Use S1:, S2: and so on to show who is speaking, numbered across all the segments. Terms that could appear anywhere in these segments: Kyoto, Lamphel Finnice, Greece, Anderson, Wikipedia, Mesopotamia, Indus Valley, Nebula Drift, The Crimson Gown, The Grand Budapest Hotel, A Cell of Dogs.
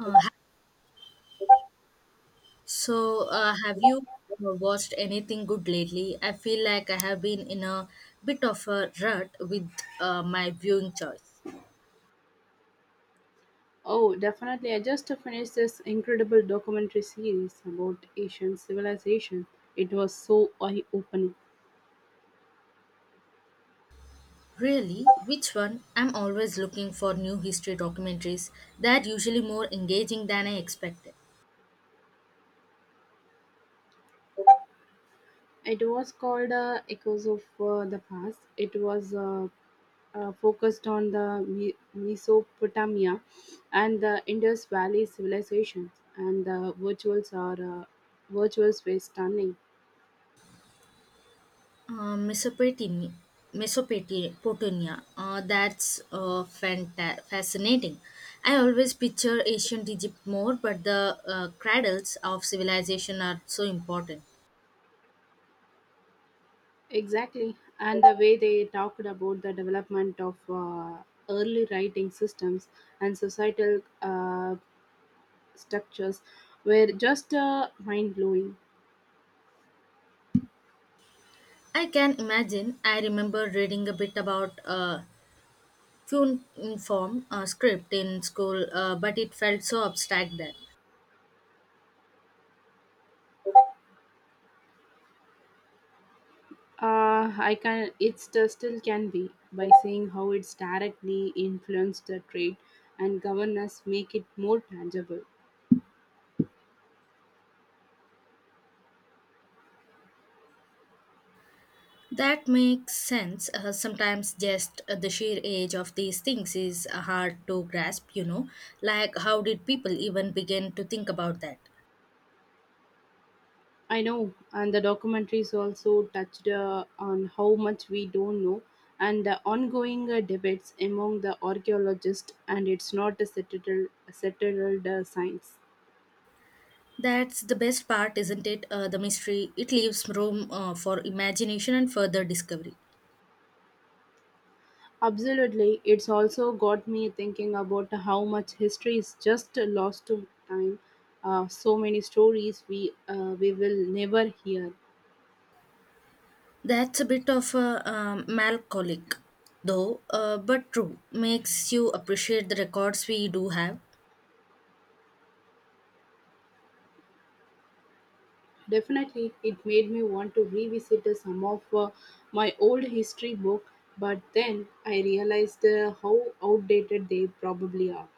S1: Uh, ha- so, have you watched anything good lately? I feel like I have been in a bit of a rut with my viewing choice.
S2: Oh, definitely. I just finished this incredible documentary series about Asian civilization. It was so eye opening.
S1: Really? Which one? I'm always looking for new history documentaries. They're usually more engaging than I expected.
S2: It was called Echoes of the Past. It was focused on the Mesopotamia and the Indus Valley civilizations, and the virtuals are virtuals were stunning.
S1: Uh, Mesopotamia, Mesopotamia, that's fascinating. I always picture ancient Egypt more, but the cradles of civilization are so important.
S2: Exactly, and the way they talked about the development of early writing systems and societal structures were just mind blowing.
S1: I can imagine. I remember reading a bit about cuneiform script in school, but it felt so abstract then.
S2: I can it still can be by seeing how it's directly influenced the trade and governance make it more tangible.
S1: That makes sense. Sometimes just the sheer age of these things is hard to grasp, you know. Like, how did people even begin to think about that?
S2: I know, and the documentaries also touched on how much we don't know and the ongoing debates among the archaeologists, and it's not a settled science.
S1: That's the best part, isn't it? The mystery. It leaves room for imagination and further discovery.
S2: Absolutely, it's also got me thinking about how much history is just lost to time. So many stories we will never hear.
S1: That's a bit of a melancholic, though, but true. Makes you appreciate the records we do have.
S2: Definitely, it made me want to revisit some of my old history book, but then I realized how outdated they probably are.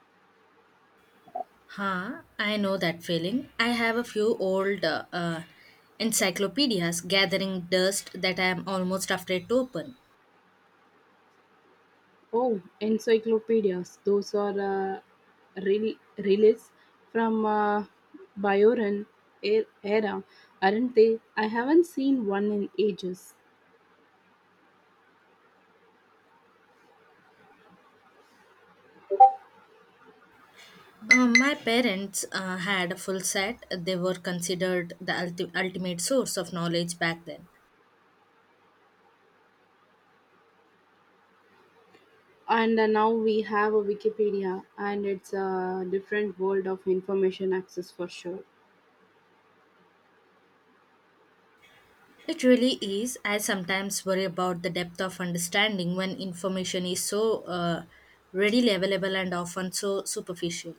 S1: Huh, I know that feeling. I have a few old encyclopedias gathering dust that I am almost afraid to open.
S2: Oh, encyclopedias. Those are relics from Bayoran era, aren't they? I haven't seen one in ages.
S1: My parents had a full set. They were considered the ultimate source of knowledge back then.
S2: And now we have a Wikipedia, and it's a different world of information access for sure.
S1: It really is. I sometimes worry about the depth of understanding when information is so readily available and often so superficial.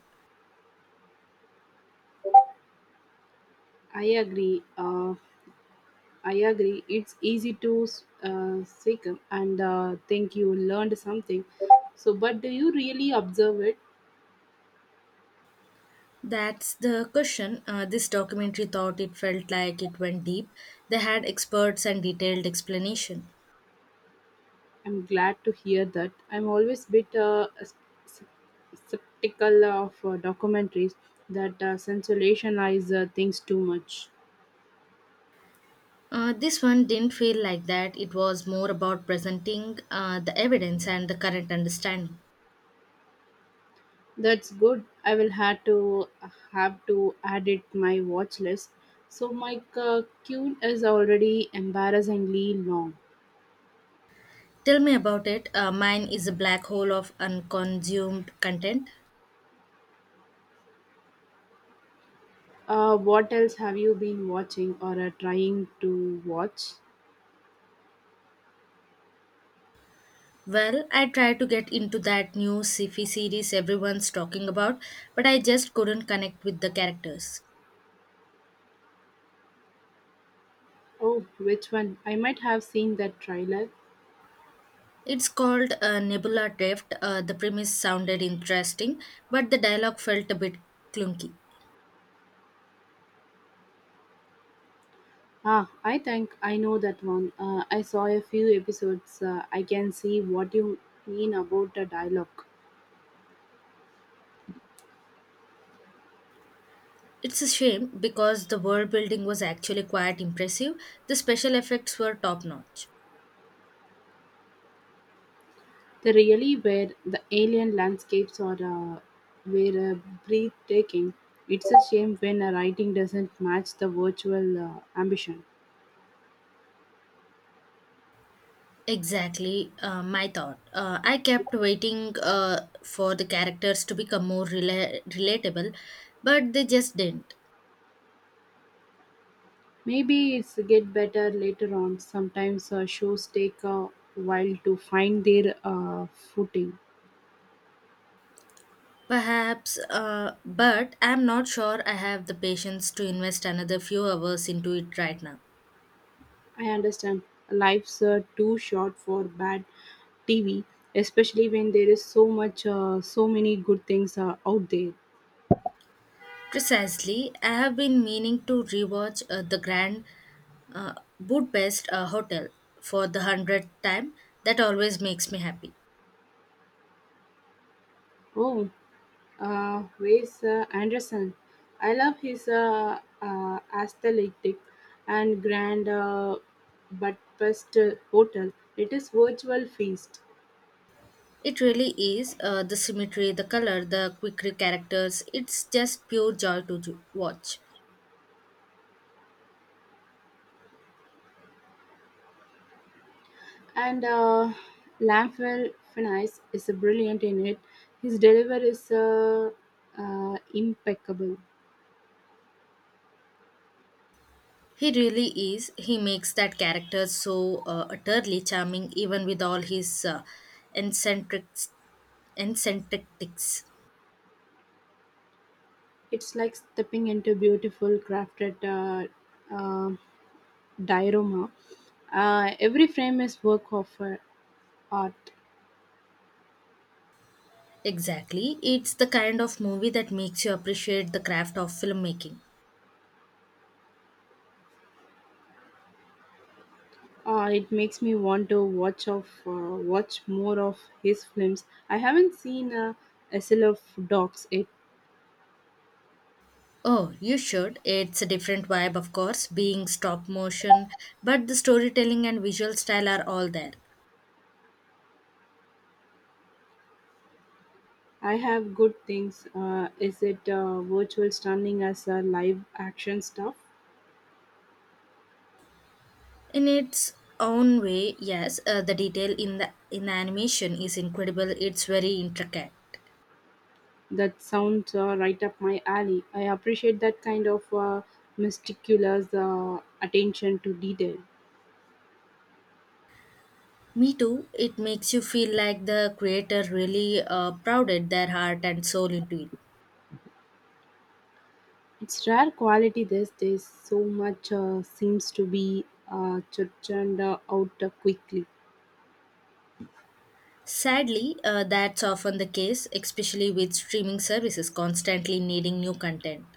S2: I agree. Uh, I agree. It's easy to seek and think you learned something. So, but do you really observe it?
S1: That's the question. This documentary thought it felt like it went deep. They had experts and detailed explanation.
S2: I'm glad to hear that. I'm always a bit s- skeptical of documentaries that sensationalize things too much.
S1: This one didn't feel like that. It was more about presenting the evidence and the current understanding.
S2: That's good. I will have to add it my watch list. So my queue is already embarrassingly long.
S1: Tell me about it. Mine is a black hole of unconsumed content.
S2: What else have you been watching or are trying to watch?
S1: Well, I tried to get into that new sci-fi series everyone's talking about, but I just couldn't connect with the characters.
S2: Oh, which one? I might have seen that trailer.
S1: It's called Nebula Drift. The premise sounded interesting, but the dialogue felt a bit clunky.
S2: Ah, I think I know that one. I saw a few episodes. I can see what you mean about the dialogue.
S1: It's a shame because the world building was actually quite impressive. The special effects were top notch.
S2: They really where the alien landscapes are were breathtaking. It's a shame when a writing doesn't match the virtual ambition.
S1: Exactly, my thought. I kept waiting for the characters to become relatable, but they just didn't.
S2: Maybe it's get better later on. Sometimes shows take a while to find their footing.
S1: Perhaps, but I'm not sure I have the patience to invest another few hours into it right now.
S2: I understand life's too short for bad TV, especially when there is so many good things out there.
S1: Precisely, I have been meaning to rewatch the Grand uh, Budapest Hotel for the 100th time. That always makes me happy.
S2: Oh, where's Anderson? I love his aesthetic and grand but best hotel. It is virtual feast.
S1: It really is the symmetry, the color, the quirky characters. It's just pure joy to watch.
S2: And Lamphel Finnice is brilliant in it. His delivery is impeccable.
S1: He really is. He makes that character so utterly charming, even with all his eccentric and synthetics.
S2: It's like stepping into beautiful crafted uh, diorama. Every frame is work of art.
S1: Exactly. It's the kind of movie that makes you appreciate the craft of filmmaking.
S2: It makes me want to watch more of his films. I haven't seen a Cell of Dogs yet.
S1: Oh, you should. It's a different vibe, of course, being stop motion, but the storytelling and visual style are all there.
S2: I have good things. Is it virtual stunning as a live action stuff?
S1: In its own way, yes, the detail in the animation is incredible. It's very intricate.
S2: That sounds right up my alley. I appreciate that kind of meticulous attention to detail.
S1: Me too. It makes you feel like the creator really prouded their heart and soul into it.
S2: It's rare quality these days, so much seems to be uh, churned out quickly.
S1: Sadly, that's often the case, especially with streaming services constantly needing new content.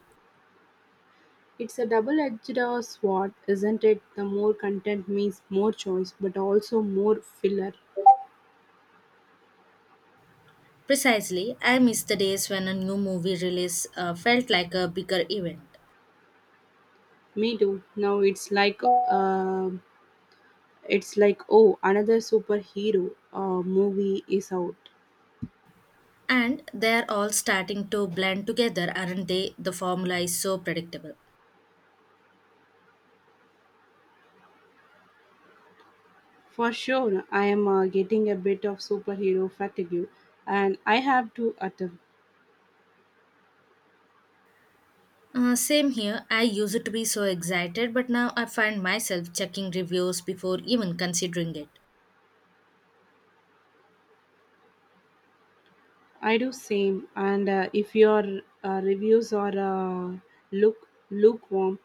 S2: It's a double edged sword, isn't it? The more content means more choice, but also more filler.
S1: Precisely, I miss the days when a new movie release felt like a bigger event.
S2: Me too. Now it's like, oh, another superhero movie is out.
S1: And they're all starting to blend together, aren't they? The formula is so predictable.
S2: For sure, I am getting a bit of superhero fatigue, and I have to attend.
S1: Same here, I used to be so excited, but now I find myself checking reviews before even considering it.
S2: I do same. And if your reviews are look lukewarm,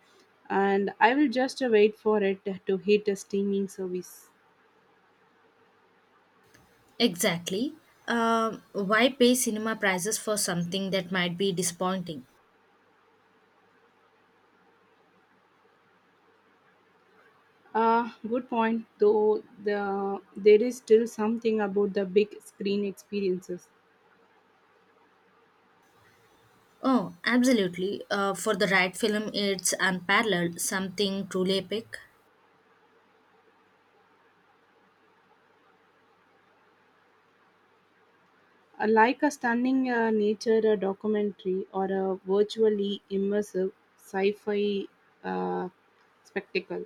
S2: and I will just wait for it to hit a streaming service.
S1: Exactly. Why pay cinema prices for something that might be disappointing?
S2: Good point. Though there is still something about the big screen experiences,
S1: Oh, absolutely. For the right film, it's unparalleled, something truly epic.
S2: like a stunning nature documentary or a virtually immersive sci-fi uh, spectacle.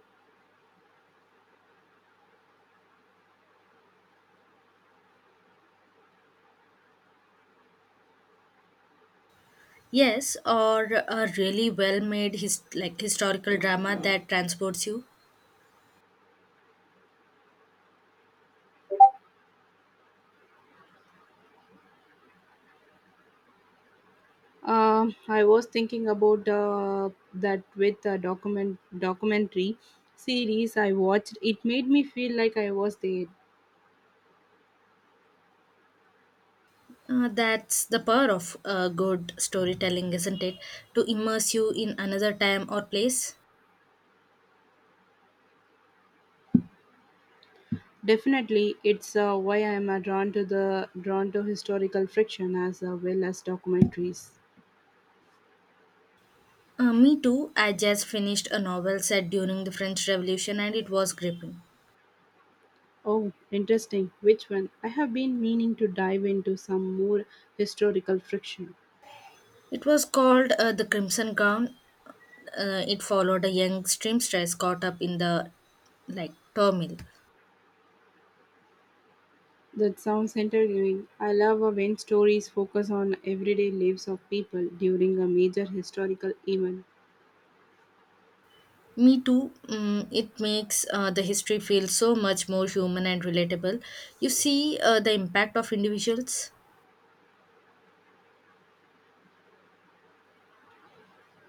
S1: Yes, or a really well-made his like historical drama that transports you.
S2: I was thinking about that with a documentary series I watched. It made me feel like I was there.
S1: That's the power of good storytelling, isn't it? To immerse you in another time or place.
S2: Definitely, it's why I am drawn to historical fiction as well as documentaries.
S1: Me too. I just finished a novel set during the French Revolution, and it was gripping.
S2: Oh, interesting. Which one? I have been meaning to dive into some more historical fiction.
S1: It was called The Crimson Gown. It followed a young seamstress caught up in the like turmoil.
S2: That sounds intriguing. I love when stories focus on everyday lives of people during a major historical event.
S1: Me too. Mm, it makes the history feel so much more human and relatable. You see the impact of individuals.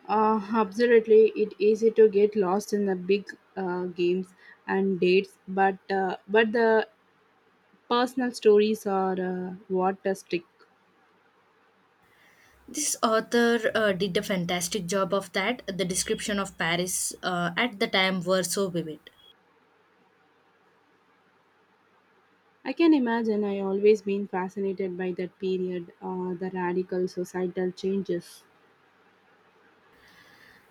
S2: Absolutely, it's easy to get lost in the big games and dates, but the personal stories are what a stick.
S1: This author did a fantastic job of that. The description of Paris at the time were so vivid.
S2: I can imagine. I always been fascinated by that period, the radical societal changes.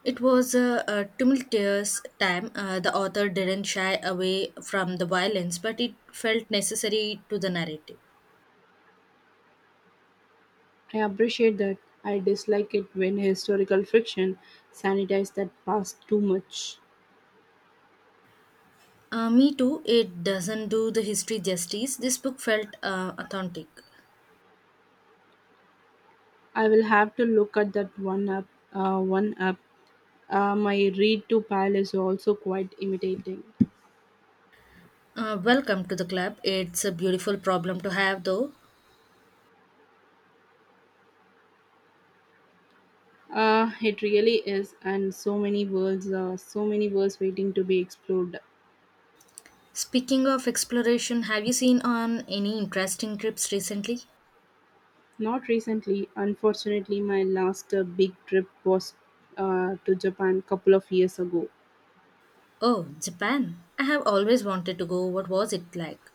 S1: It was a tumultuous time. The author didn't shy away from the violence, but it felt necessary to the narrative.
S2: I appreciate that. I dislike it when historical fiction sanitize that past too much.
S1: Me too. It doesn't do the history justice. This book felt authentic.
S2: I will have to look at that one up. Uh, one up. My read to pile is also quite imitating.
S1: Welcome to the club. It's a beautiful problem to have, though.
S2: It really is, and so many so many worlds waiting to be explored.
S1: Speaking of exploration, have you seen on any interesting trips recently?
S2: Not recently, unfortunately, my last big trip was to Japan couple of years ago.
S1: Oh, Japan. I have always wanted to go. What was it like?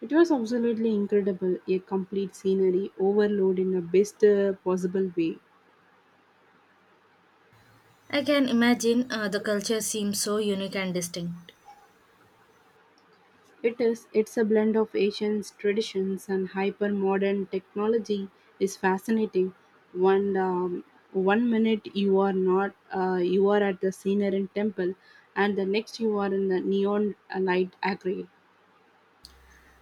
S2: It was absolutely incredible, a complete scenery overload in the best possible way.
S1: I can imagine the culture seems so unique and distinct.
S2: It is it's a blend of ancient traditions and hyper modern technology is fascinating. One um, One minute you are not you are at the scenery temple, and the next you are in the neon light aquarium.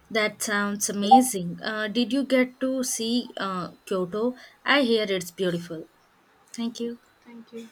S1: That sounds amazing. Did you get to see Kyoto? I hear it's beautiful. Thank you.
S2: Thank you.